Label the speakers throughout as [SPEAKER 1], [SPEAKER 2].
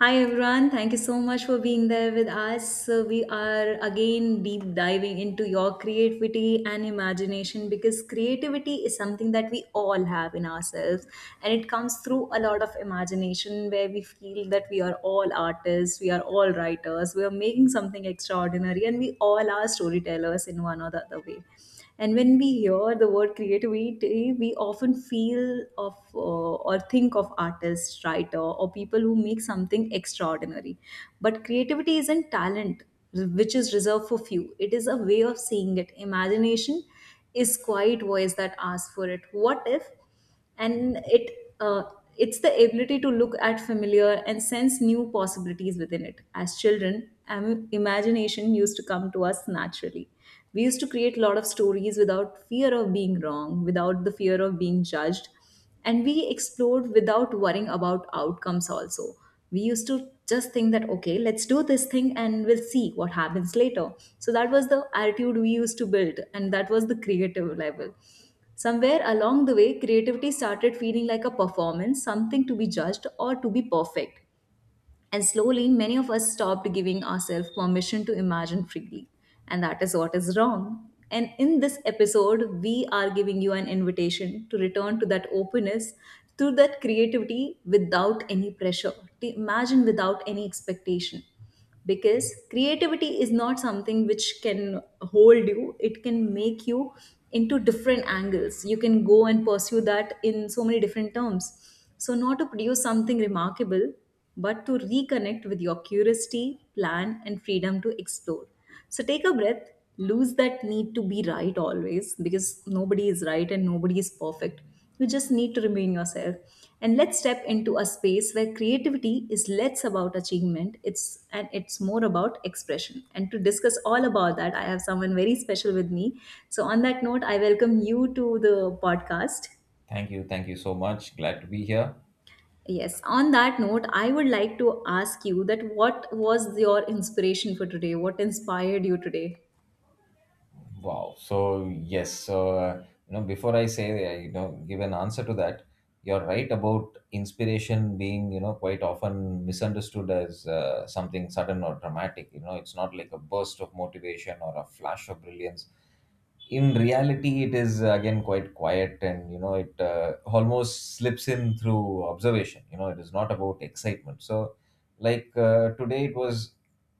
[SPEAKER 1] Hi everyone, thank you so much for being there with us. So we are again deep diving into your creativity and imagination, because creativity is something that we all have in ourselves and it comes through a lot of imagination where we feel that we are all artists, we are all writers, we are making something extraordinary and we all are storytellers in one or the other way. And when we hear the word creativity, we often feel of or think of artists, writer, or people who make something extraordinary. But creativity isn't talent, which is reserved for few. It is a way of seeing it. Imagination is quiet voice that asks for it. What if? And it's the ability to look at familiar and sense new possibilities within it. As children, imagination used to come to us naturally. We used to create a lot of stories without fear of being wrong, without the fear of being judged, and we explored without worrying about outcomes also. We used to just think that okay, let's do this thing and we'll see what happens later. So that was the attitude we used to build, and that was the creative level. Somewhere along the way creativity started feeling like a performance, something to be judged or to be perfect, and slowly, many of us stopped giving ourselves permission to imagine freely. And that is what is wrong. And in this episode, we are giving you an invitation to return to that openness, to that creativity without any pressure, to imagine without any expectation, because creativity is not something which can hold you. It can make you into different angles. You can go and pursue that in so many different terms, so not to produce something remarkable but to reconnect with your curiosity, plan and freedom to explore. So take a breath, lose that need to be right always, because nobody is right and nobody is perfect. You just need to remain yourself. And let's step into a space where creativity is less about achievement, it's and it's more about expression. And to discuss all about that, I have someone very special with me. So on that note, I welcome you to the podcast.
[SPEAKER 2] Thank you so much. Glad to be here.
[SPEAKER 1] Yes, on that note, I would like to ask you that what was your inspiration for today? What inspired you today?
[SPEAKER 2] Wow. So yes, before I say, give an answer to that, you're right about inspiration being, you know, quite often misunderstood as something sudden or dramatic. You know, it's not like a burst of motivation or a flash of brilliance. In reality, it is again quite quiet, and you know, it almost slips in through observation. You know, it is not about excitement. So, like today, it was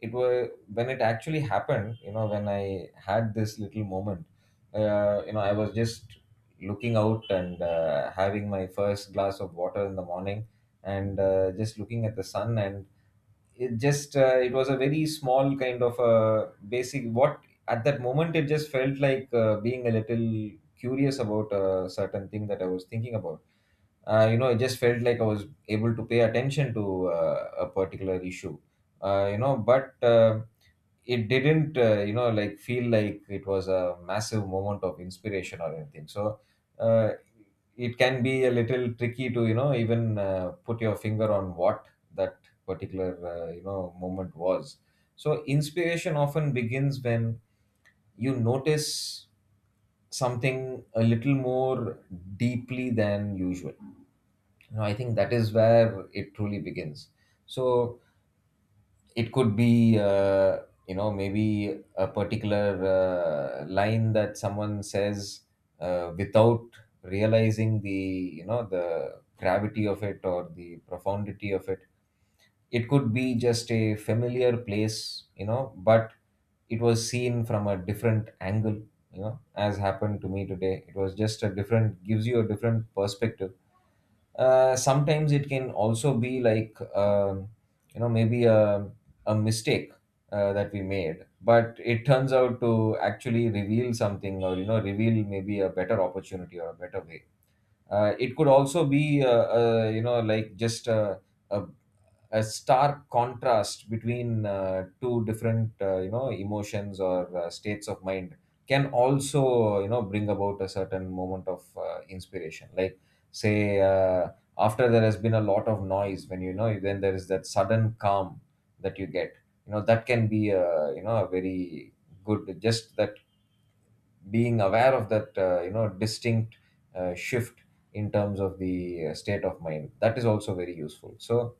[SPEAKER 2] it was when it actually happened, you know, when I had this little moment. You know, I was just looking out and having my first glass of water in the morning, and just looking at the sun, and it just it was a very small kind of a basic what at that moment. It just felt like being a little curious about a certain thing that I was thinking about. You know, it just felt like I was able to pay attention to a particular issue. You know but It didn't you know like feel like it was a massive moment of inspiration or anything. So uh, it can be a little tricky to, you know, even put your finger on what that particular you know moment was. So inspiration often begins when you notice something a little more deeply than usual. You know, I think that is where it truly begins. So it could be you know, maybe a particular line that someone says without realizing the, you know, the gravity of it or the profundity of it. It could be just a familiar place, you know, but it was seen from a different angle. You know, as happened to me today, it was just a different gives you a different perspective. Sometimes it can also be like you know, maybe a mistake that we made, but it turns out to actually reveal something, or you know, reveal maybe a better opportunity or a better way. It could also be you know, like just a a stark contrast between two different you know, emotions or states of mind, can also you know, bring about a certain moment of inspiration. Like, say after there has been a lot of noise, when you know, then there is that sudden calm that you get. You know, that can be a, you know, a very good just that being aware of that you know, distinct shift in terms of the state of mind, that is also very useful. So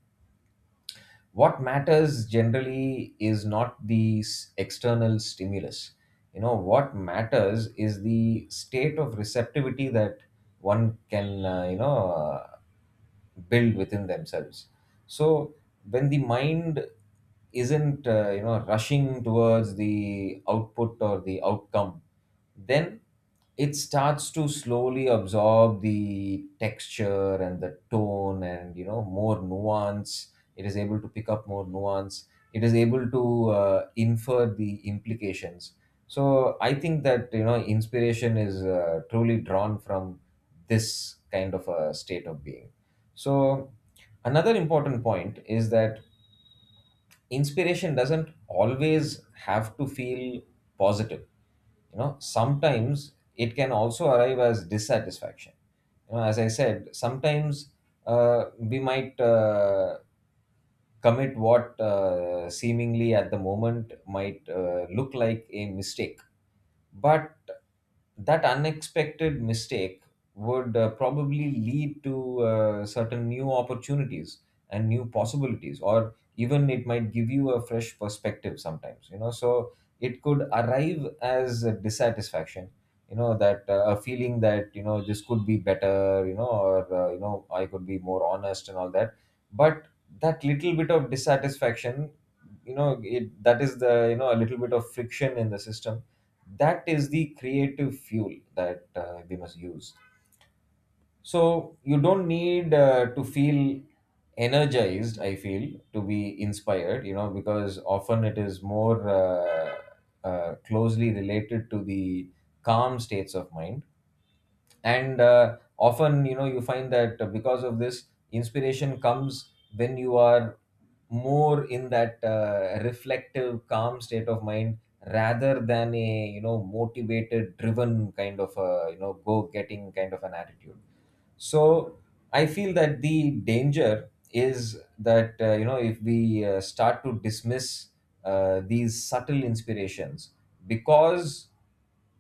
[SPEAKER 2] what matters generally is not the external stimulus. You know, what matters is the state of receptivity that one can build within themselves. So when the mind isn't you know, rushing towards the output or the outcome, then it starts to slowly absorb the texture and the tone, and you know, more nuance, it is able to pick up more nuance. It is able to infer the implications. So I think that, you know, inspiration is truly drawn from this kind of a state of being. So, another important point is that inspiration doesn't always have to feel positive. You know, sometimes it can also arrive as dissatisfaction. You know, as I said, sometimes we might commit what seemingly at the moment might look like a mistake, but that unexpected mistake would probably lead to certain new opportunities and new possibilities, or even it might give you a fresh perspective sometimes, you know. So it could arrive as a dissatisfaction. You know, that a feeling that, you know, this could be better, you know, or you know, I could be more honest and all that. But that little bit of dissatisfaction, you know, it that is the, you know, a little bit of friction in the system, that is the creative fuel that we must use. So you don't need to feel energized, I feel, to be inspired. You know, because often it is more closely related to the calm states of mind. And often, you know, you find that because of this, inspiration comes when you are more in that reflective calm state of mind, rather than a, you know, motivated driven kind of a, you know, go getting kind of an attitude. So I feel that the danger is that you know, if we start to dismiss these subtle inspirations because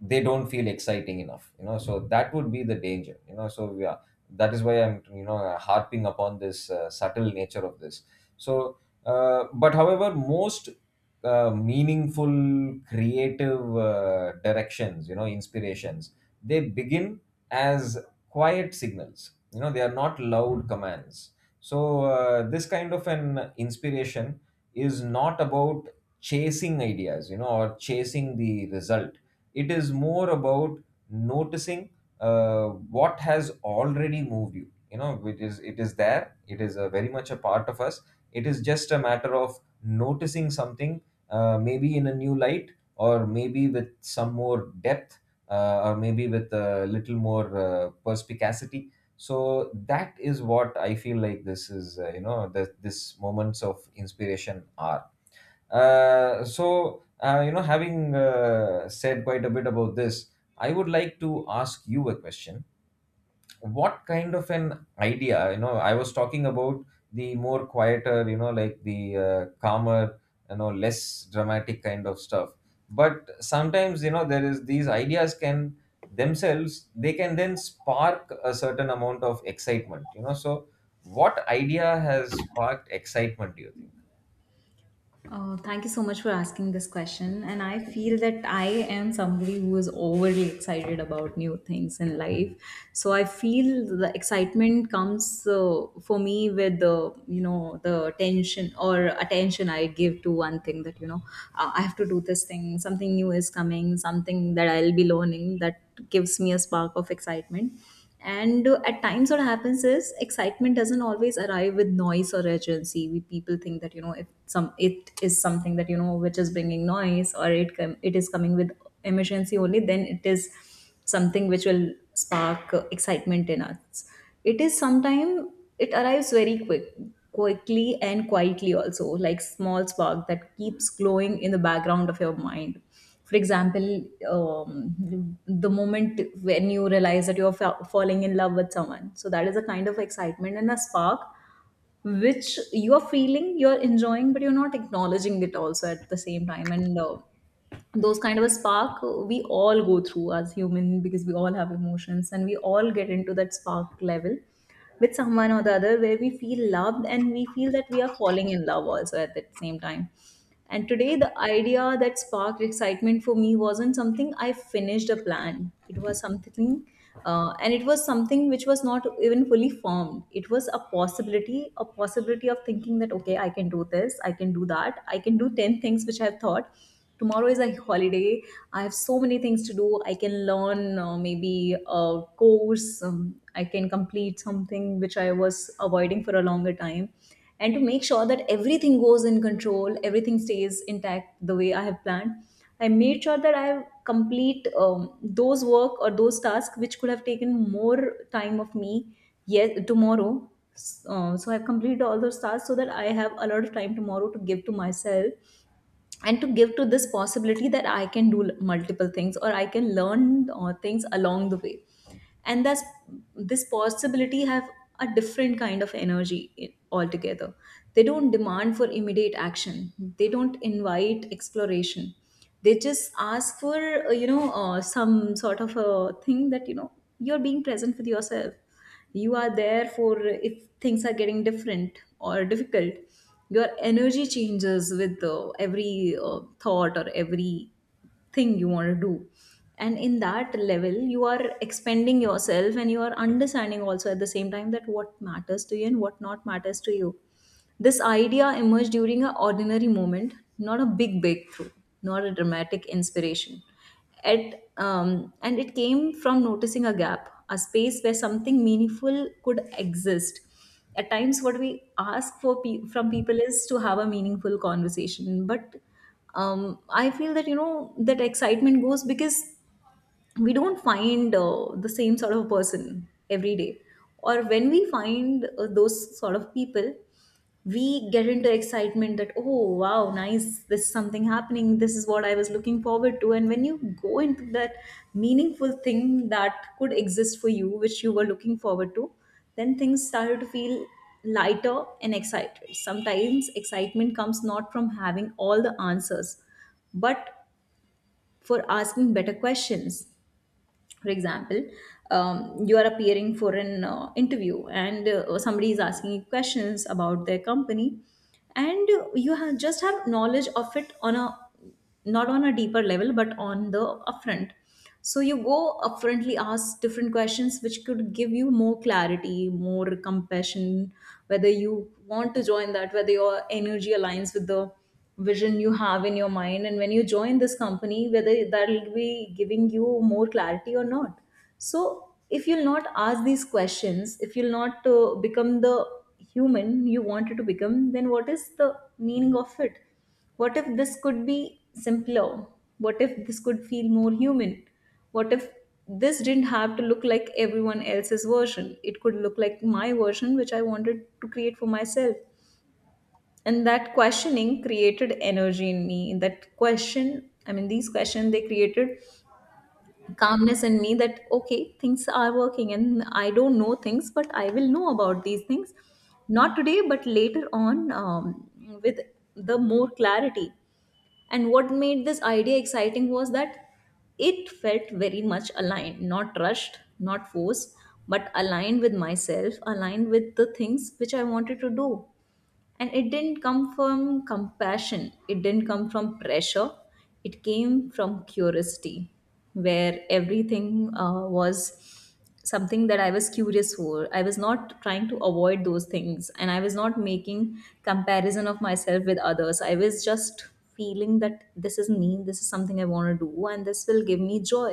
[SPEAKER 2] they don't feel exciting enough, you know. So that would be the danger, you know. So yeah, that is why I'm, you know, harping upon this subtle nature of this. So but however, most meaningful creative directions, you know, inspirations, they begin as quiet signals. You know, they are not loud commands. So this kind of an inspiration is not about chasing ideas, you know, or chasing the result. It is more about noticing uh, what has already moved you. You know, which is, it is there, it is a very much a part of us. It is just a matter of noticing something maybe in a new light, or maybe with some more depth or maybe with a little more perspicacity. So that is what I feel like this is, you know, this moments of inspiration are So, you know, having said quite a bit about this, I would like to ask you a question. What kind of an idea, you know, I was talking about the more quieter, you know, like the calmer, you know, less dramatic kind of stuff. But sometimes, you know, there is these ideas can themselves, they can then spark a certain amount of excitement, you know. So, what idea has sparked excitement, do you
[SPEAKER 1] Thank you so much for asking this question. And I feel that I am somebody who is overly excited about new things in life.
[SPEAKER 2] think?
[SPEAKER 1] So I feel the excitement comes for me with the you know the attention or attention I give to one thing, that you know I have to do this thing. Something new is coming. Something that I'll be learning, that gives me a spark of excitement. And at times, what happens is excitement doesn't always arrive with noise or urgency. We people think that you know if some it is something that you know which is bringing noise or it is coming with emergency only, then it is something which will spark excitement in us. It is sometime it arrives very quickly and quietly also, like small spark that keeps glowing in the background of your mind. For example, the moment when you realize that you're falling in love with someone, so that is a kind of excitement and a spark which you're feeling, you're enjoying, but you're not acknowledging it also at the same time. And those kind of a spark we all go through as human, because we all have emotions and we all get into that spark level with someone or the other where we feel loved and we feel that we are falling in love also at that same time. And today the idea that sparked excitement for me wasn't something I finished a plan, it was something and it was something which was not even fully formed. It was a possibility, a possibility of thinking that okay, I can do this, I can do that, I can do 10 things which I've thought. Tomorrow is a holiday. I have so many things to do. I can learn maybe a course, I can complete something which I was avoiding for a longer time. And to make sure that everything goes in control, everything stays intact the way I have planned, I made sure that I complete those work or those tasks which could have taken more time of me. Yes, tomorrow. So I've completed all those tasks so that I have a lot of time tomorrow to give to myself and to give to this possibility that I can do multiple things or I can learn things along the way. And that's, this possibility have a different kind of energy altogether. They don't demand for immediate action, they don't invite exploration, they just ask for some sort of a thing that you know you're being present with yourself, you are there for, if things are getting different or difficult. Your energy changes with every thought or every thing you want to do, and in that level you are expanding yourself and you are understanding also at the same time that what matters to you and what not matters to you. This idea emerged during an ordinary moment, not a big breakthrough, not a dramatic inspiration. At um, and it came from noticing a gap, a space where something meaningful could exist. At times what we ask for from people is to have a meaningful conversation, but I feel that you know that excitement goes because we don't find the same sort of person every day, or when we find those sort of people, we get into excitement that oh wow nice, this is something happening, this is what I was looking forward to. And when you go into that meaningful thing that could exist for you, which you were looking forward to, then things started to feel lighter and excited. Sometimes excitement comes not from having all the answers but for asking better questions. For example, you are appearing for an interview and somebody is asking you questions about their company, and you have just have knowledge of it on a, not on a deeper level but on the upfront. So you go upfrontly ask different questions which could give you more clarity, more compassion, whether you want to join that, whether your energy aligns with the vision you have in your mind, and when you join this company whether that'll be giving you more clarity or not. So if you'll not ask these questions, if you'll not become the human you wanted to become, then what is the meaning of it? What if this could be simpler? What if this could feel more human? What if this didn't have to look like everyone else's version? It could look like my version which I wanted to create for myself. And that questioning created energy in me. That question, I mean these questions, they created calmness in me, that okay things are working and I don't know things but I will know about these things, not today but later on, with the more clarity. And what made this idea exciting was that it felt very much aligned, not rushed, not forced, but aligned with myself, aligned with the things which I wanted to do. And it didn't come from compassion, it didn't come from pressure, it came from curiosity, where everything was something that I was curious for. I was not trying to avoid those things and I was not making comparison of myself with others. I was just feeling that this is me, this is something I want to do, and this will give me joy.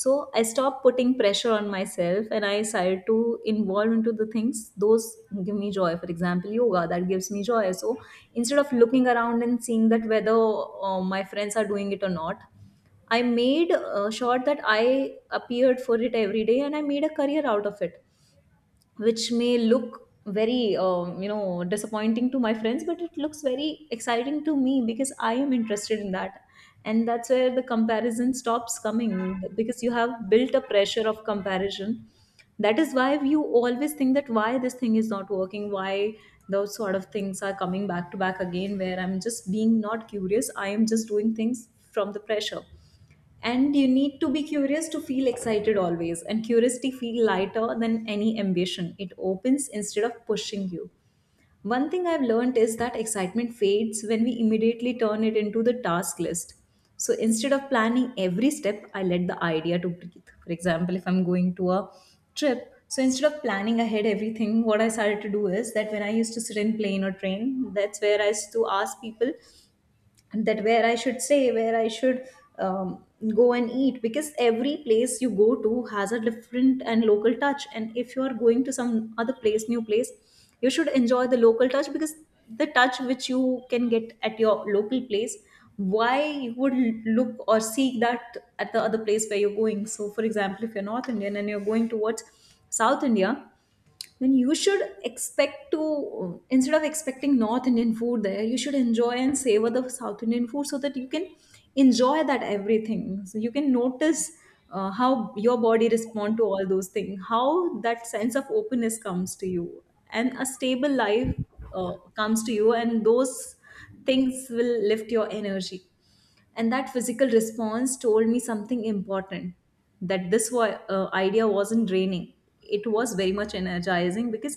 [SPEAKER 1] So I stopped putting pressure on myself and I started to involve into the things those give me joy. For example, yoga, that gives me joy. So instead of looking around and seeing that whether my friends are doing it or not, I made sure that I appeared for it every day, and I made a career out of it, which may look very you know disappointing to my friends, but it looks very exciting to me because I am interested in that. And that's where the comparison stops coming, because you have built a pressure of comparison. That is why you always think that why this thing is not working, why those sort of things are coming back to back again, where I'm just being not curious, I am just doing things from the pressure. And you need to be curious to feel excited always, and curiosity feel lighter than any ambition, it opens instead of pushing you. One thing I've learned is that excitement fades when we immediately turn It into the task list. So instead of planning every step, I let the idea to breathe. For example, if I'm going to a trip, so instead of planning ahead everything, what I started to do is that when I used to sit in plane or train, that's where I used to ask people that where I should say, where I should um, go and eat, because every place you go to has a different and local touch. And if you are going to some other place, new place, you should enjoy the local touch, because the touch which you can get at your local place, why you would look or seek that at the other place where you're going? So, for example, if you're North Indian and you're going towards South India, then you should expect to, instead of expecting North Indian food there, you should enjoy and savor the South Indian food so that you can enjoy that everything, so you can notice how your body respond to all those things, how that sense of openness comes to you and a stable life uh, comes to you, and those things will lift your energy. And that physical response told me something important, that idea wasn't draining, it was very much energizing, because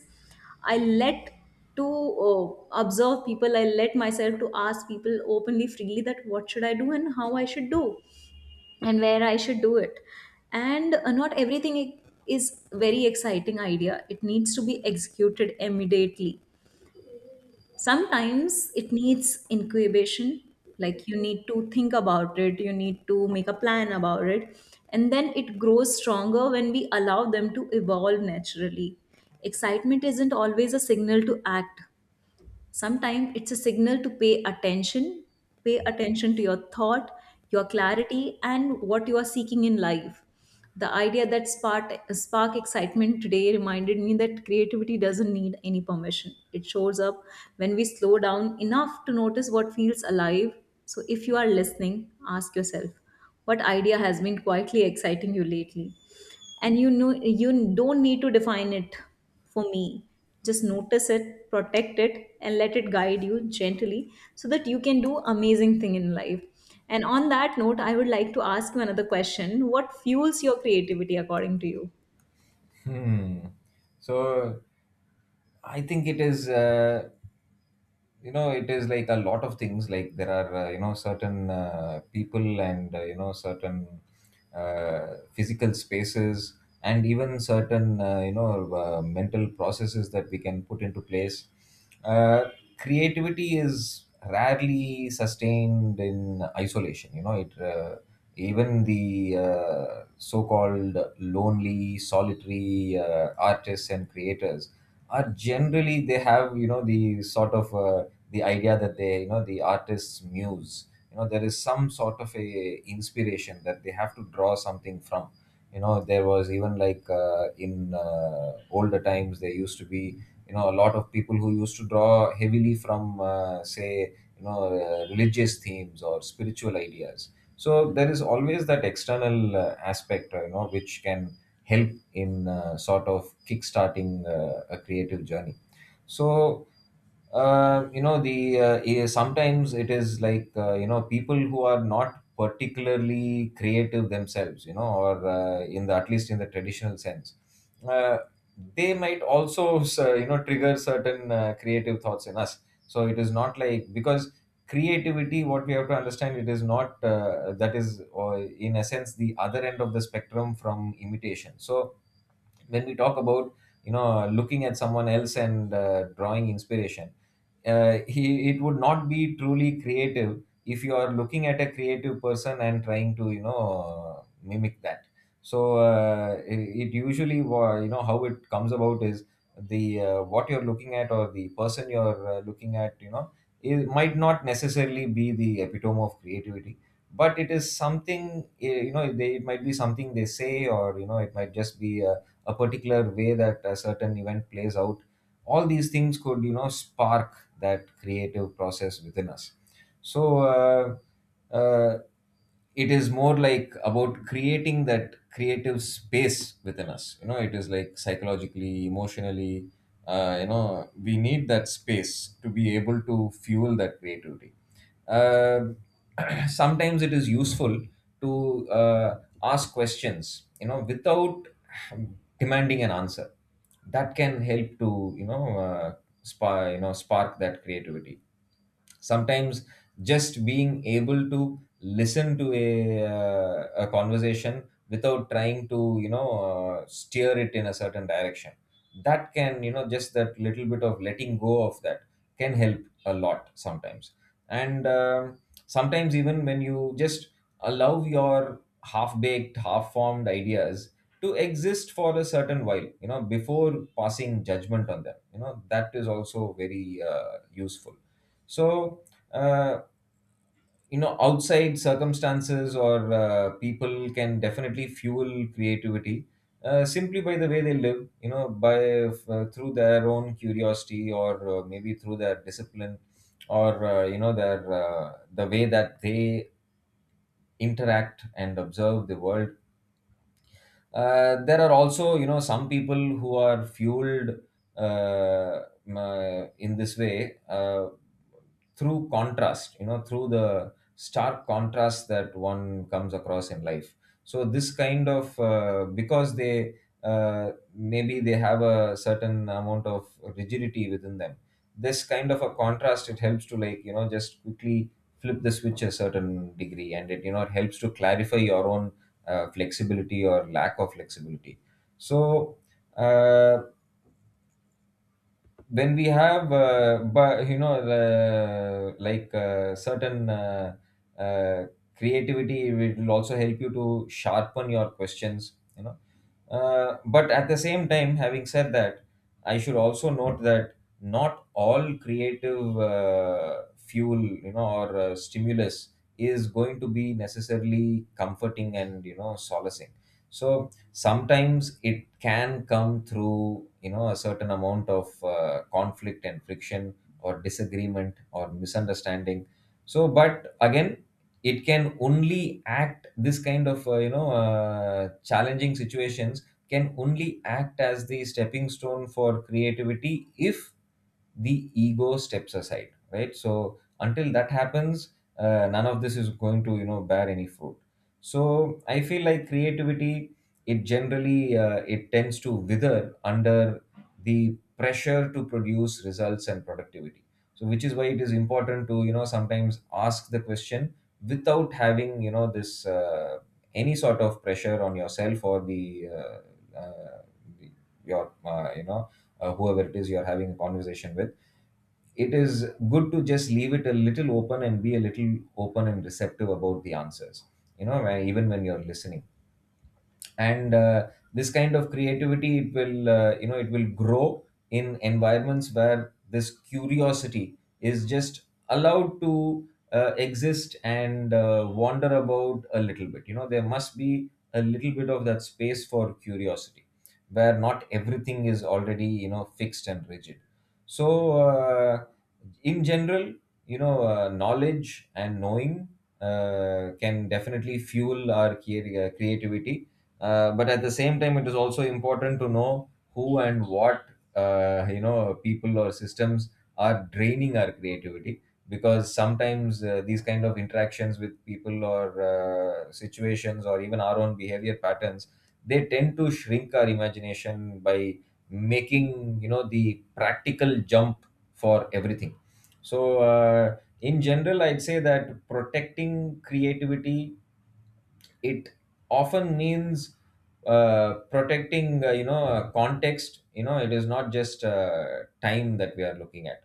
[SPEAKER 1] I let to uh, observe people, I let myself to ask people openly, freely, that what should I do and how I should do and where I should do it. And not everything is very exciting idea, it needs to be executed immediately. Sometimes it needs incubation, like you need to think about it, you need to make a plan about it, and then it grows stronger when we allow them to evolve naturally. Excitement isn't always a signal to act, sometimes it's a signal to pay attention. Pay attention to your thought, your clarity and what you are seeking in life. The idea that spark excitement today reminded me that creativity doesn't need any permission, it shows up when we slow down enough to notice what feels alive. So if you are listening, ask yourself, what idea has been quietly exciting you lately. And you don't need to define it for me, just notice it, protect it, and let it guide you gently, so that you can do amazing thing in life. And on that note, I would like to ask you another question: what fuels your creativity according to you?
[SPEAKER 2] Hmm. So I think it is. You know, it is like a lot of things. Like there are you know, certain people, and you know, certain physical spaces, and even certain mental processes that we can put into place. uh, Creativity is rarely sustained in isolation. You know, it even the so-called lonely solitary artists and creators are generally, they have, you know, the sort of the idea that they, you know, the artist's muse, you know, there is some sort of a inspiration that they have to draw something from. You know, there was even like in older times, there used to be, you know, a lot of people who used to draw heavily from say, you know, religious themes or spiritual ideas. So there is always that external aspect you know, which can help in sort of kickstarting a creative journey. So you know, the sometimes it is like you know, people who are not particularly creative themselves, you know, or in the at least in the traditional sense, uh, they might also you know, trigger certain creative thoughts in us. So it is not like, because creativity, what we have to understand, it is not that is or in a sense the other end of the spectrum from imitation. So when we talk about, you know, looking at someone else and drawing inspiration, it would not be truly creative if you are looking at a creative person and trying to, you know, mimic that. So it usually you know, how it comes about is the what you're looking at, or the person you're looking at, you know, it might not necessarily be the epitome of creativity, but it is something, you know, it might be something they say, or you know, it might just be a particular way that a certain event plays out. All these things could, you know, spark that creative process within us. So uh, uh, it is more like about creating that creative space within us. You know, it is like psychologically, emotionally you know, we need that space to be able to fuel that creativity. uh, Sometimes it is useful to ask questions, you know, without demanding an answer. That can help to, you know, spark, you know, spark that creativity. Sometimes just being able to listen to a conversation without trying to, you know, steer it in a certain direction, that can, you know, just that little bit of letting go of that can help a lot sometimes. And sometimes, even when you just allow your half baked half formed ideas to exist for a certain while, you know, Before passing judgment on them, you know, that is also very useful. so, uh, outside circumstances or people can definitely fuel creativity, simply by the way they live, you know, by through their own curiosity, or maybe through their discipline, or the way that they interact and observe the world. There are also, you know, some people who are fueled uh, in this way through contrast, you know, through the stark contrast that one comes across in life. So this kind of because they maybe they have a certain amount of rigidity within them. This kind of a contrast, it helps to, like, you know, just quickly flip the switch a certain degree, and it, you know, it helps to clarify your own flexibility or lack of flexibility. So uh, then we have but you know like certain uh, creativity will also help you to sharpen your questions, you know. But at the same time, having said that, I should also note that not all creative fuel, you know, or stimulus is going to be necessarily comforting and, you know, solacing. So sometimes it can come through, you know, a certain amount of conflict and friction, or disagreement, or misunderstanding. So, but again, it can only act, this kind of challenging situations can only act as the stepping stone for creativity if the ego steps aside, right? So until that happens, none of this is going to, you know, bear any fruit. So I feel like creativity, it generally it tends to wither under the pressure to produce results and productivity. So which is why it is important to, you know, sometimes ask the question without having, you know, this any sort of pressure on yourself or the your you know whoever it is you're having a conversation with. It is good to just leave it a little open and be a little open and receptive about the answers, you know, even when you're listening. And this kind of creativity, it will it will grow in environments where this curiosity is just allowed to exist and wander about a little bit. You know, there must be a little bit of that space for curiosity, where not everything is already, you know, fixed and rigid. So in general, you know, knowledge and knowing can definitely fuel our creativity. But at the same time, it is also important to know who and what, you know, people or systems are draining our creativity. Because sometimes these kind of interactions with people, or situations, or even our own behavior patterns, they tend to shrink our imagination by making, you know, the practical jump for everything. So in general, I'd say that protecting creativity, it often means protecting context. You know, it is not just time that we are looking at.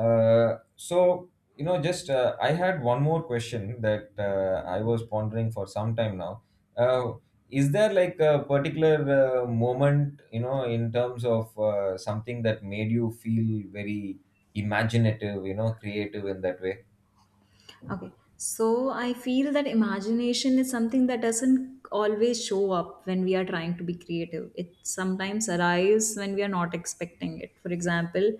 [SPEAKER 2] Uh, so you know just uh, I had one more question that I was pondering for some time now. uh, is there, like, a particular moment, you know, in terms of something that made you feel very imaginative, you know, creative in that way?
[SPEAKER 1] Okay. So I feel that imagination is something that doesn't always show up when we are trying to be creative. It sometimes arrives when we are not expecting it. For example,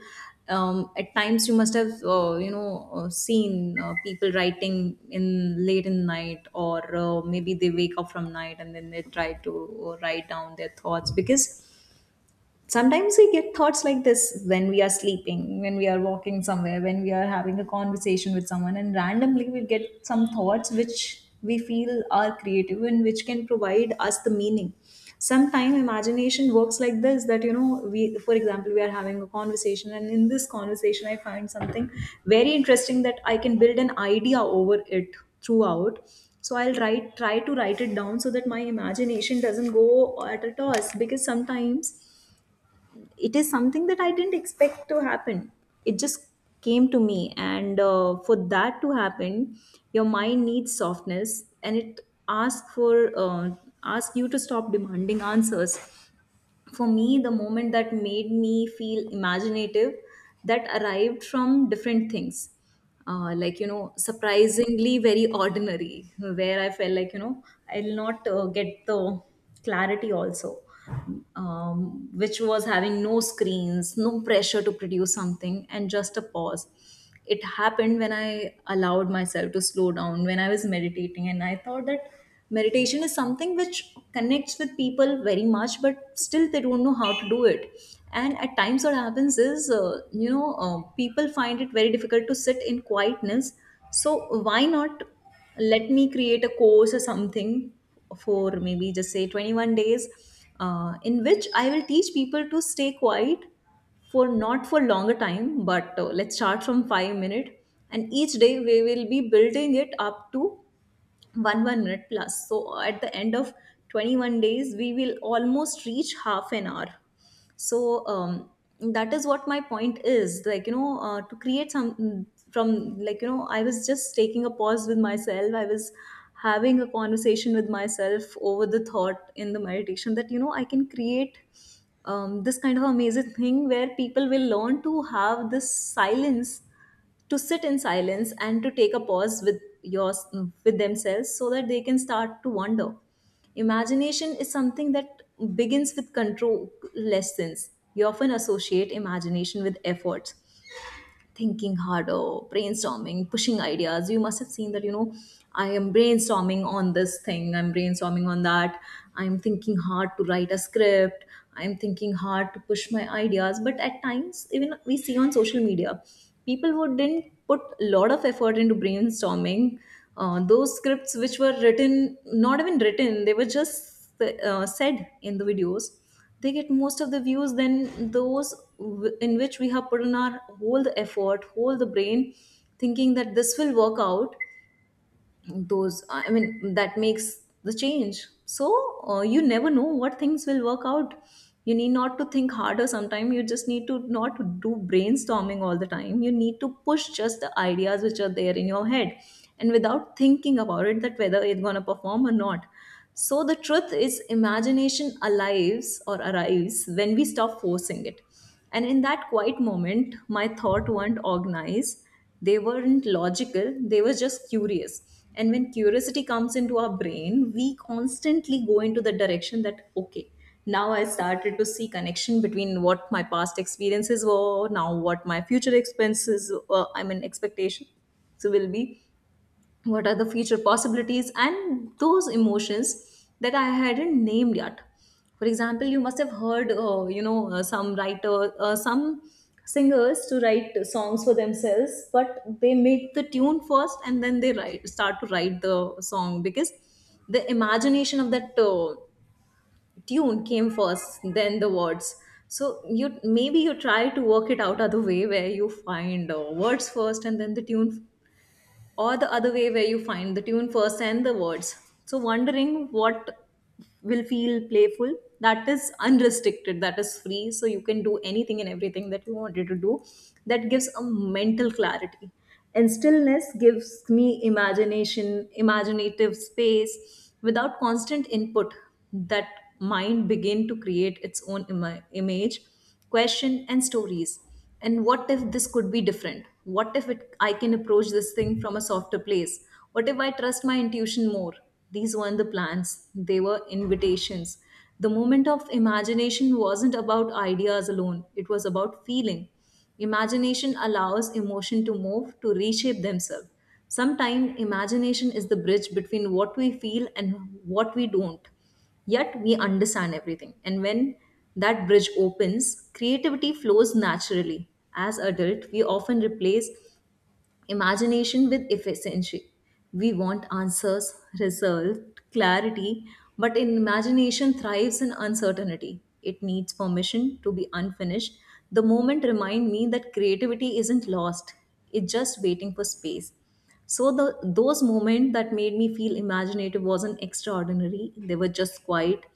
[SPEAKER 1] at times you must have seen people writing in late in night, or maybe they wake up from night and then they try to write down their thoughts, because sometimes we get thoughts like this when we are sleeping, when we are walking somewhere, when we are having a conversation with someone, and randomly we get some thoughts which we feel are creative and which can provide us the meaning. Sometimes imagination works like this, that you know, we, for example, we are having a conversation, and in this conversation I find something very interesting that I can build an idea over it throughout. So I'll write try to write it down so that my imagination doesn't go at a toss, because sometimes it is something that I didn't expect to happen. It just came to me, and for that to happen, your mind needs softness, and it asks for asks you to stop demanding answers. For me, the moment that made me feel imaginative, that arrived from different things, like, you know, surprisingly very ordinary, where I felt like, you know, I'll not get the clarity also, which was having no screens, no pressure to produce something, and just a pause. It happened when I allowed myself to slow down, when I was meditating, and I thought that meditation is something which connects with people very much, but still they don't know how to do it. And at times what happens is people find it very difficult to sit in quietness. So, why not, let me create a course or something for maybe just say 21 days, in which I will teach people to stay quiet, for not for longer time, but let's start from 5 minute, and each day we will be building it up to one minute plus, so at the end of 21 days we will almost reach half an hour. So that is what my point is, like, you know, to create some, from, like, you know, I was just taking a pause with myself, I was having a conversation with myself over the thought in the meditation, that you know I can create this kind of amazing thing where people will learn to have this silence, to sit in silence and to take a pause with your with themselves so that they can start to wonder. Imagination is something that begins with control lessons. You often associate imagination with effort, thinking harder, brainstorming, pushing ideas. You must have seen that, you know, I am brainstorming on this thing, I'm brainstorming on that, I'm thinking hard to write a script, I'm thinking hard to push my ideas. But at times, even we see on social media, people who didn't put a lot of effort into brainstorming, those scripts which were written, not even written, they were just said in the videos, they get most of the views than those in which we have put in our whole the effort, whole the brain, thinking that this will work out. Those, that makes the change. So you never know what things will work out. You need not to think harder, sometimes you just need to not do brainstorming all the time, you need to push just the ideas which are there in your head, and without thinking about it that whether it's going to perform or not. So the truth is, imagination alives or arrives when we stop forcing it. And in that quiet moment, my thought weren't organized, they weren't logical, they were just curious. And when curiosity comes into our brain, we constantly go into the direction that, okay, now I started to see connection between what my past experiences were, now what my future expectation so will be, what are the future possibilities and those emotions that I hadn't named yet. For example, you must have heard, some writer some singers to write songs for themselves, but they make the tune first and then they write start to write the song, because the imagination of that tune came first, then the words. So you, maybe you try to work it out other way, where you find words first and then the tune, or the other way where you find the tune first and the words. So wondering what will feel playful, that is unrestricted, that is free, so you can do anything and everything that you wanted to do, that gives a mental clarity. And stillness gives me imagination, imaginative space without constant input. That mind begin to create its own image, question and stories. And what if this could be different, what if I can approach this thing from a softer place, what if I trust my intuition more. These weren't the plans, they were invitations. The moment of imagination wasn't about ideas alone, it was about feeling. Imagination allows emotion to move, to reshape themselves. Sometimes imagination is the bridge between what we feel and what we don't yet we understand everything. And when that bridge opens, creativity flows naturally. As adults, we often replace imagination with efficiency. We want answers, result, clarity, but in imagination thrives in uncertainty. It needs permission to be unfinished. The moment remind me that creativity isn't lost, it's just waiting for space. So the those moments that made me feel imaginative wasn't extraordinary. They were just quiet,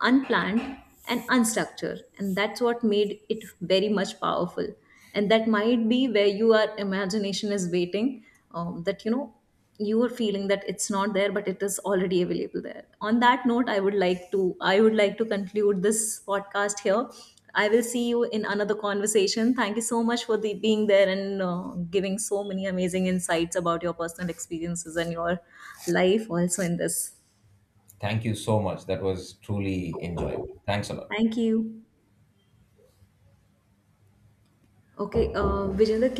[SPEAKER 1] unplanned, and unstructured. And that's what made it very much powerful. And that might be where your imagination is waiting. That you know, you are feeling that it's not there, but it is already available there. On that note, I would like to, conclude this podcast here. I will see you in another conversation. Thank you so much for the being there, and giving so many amazing insights about your personal experiences and your life also in this.
[SPEAKER 2] Thank you so much, that was truly enjoyable. Thanks a lot.
[SPEAKER 1] Thank you. Okay, Vijender.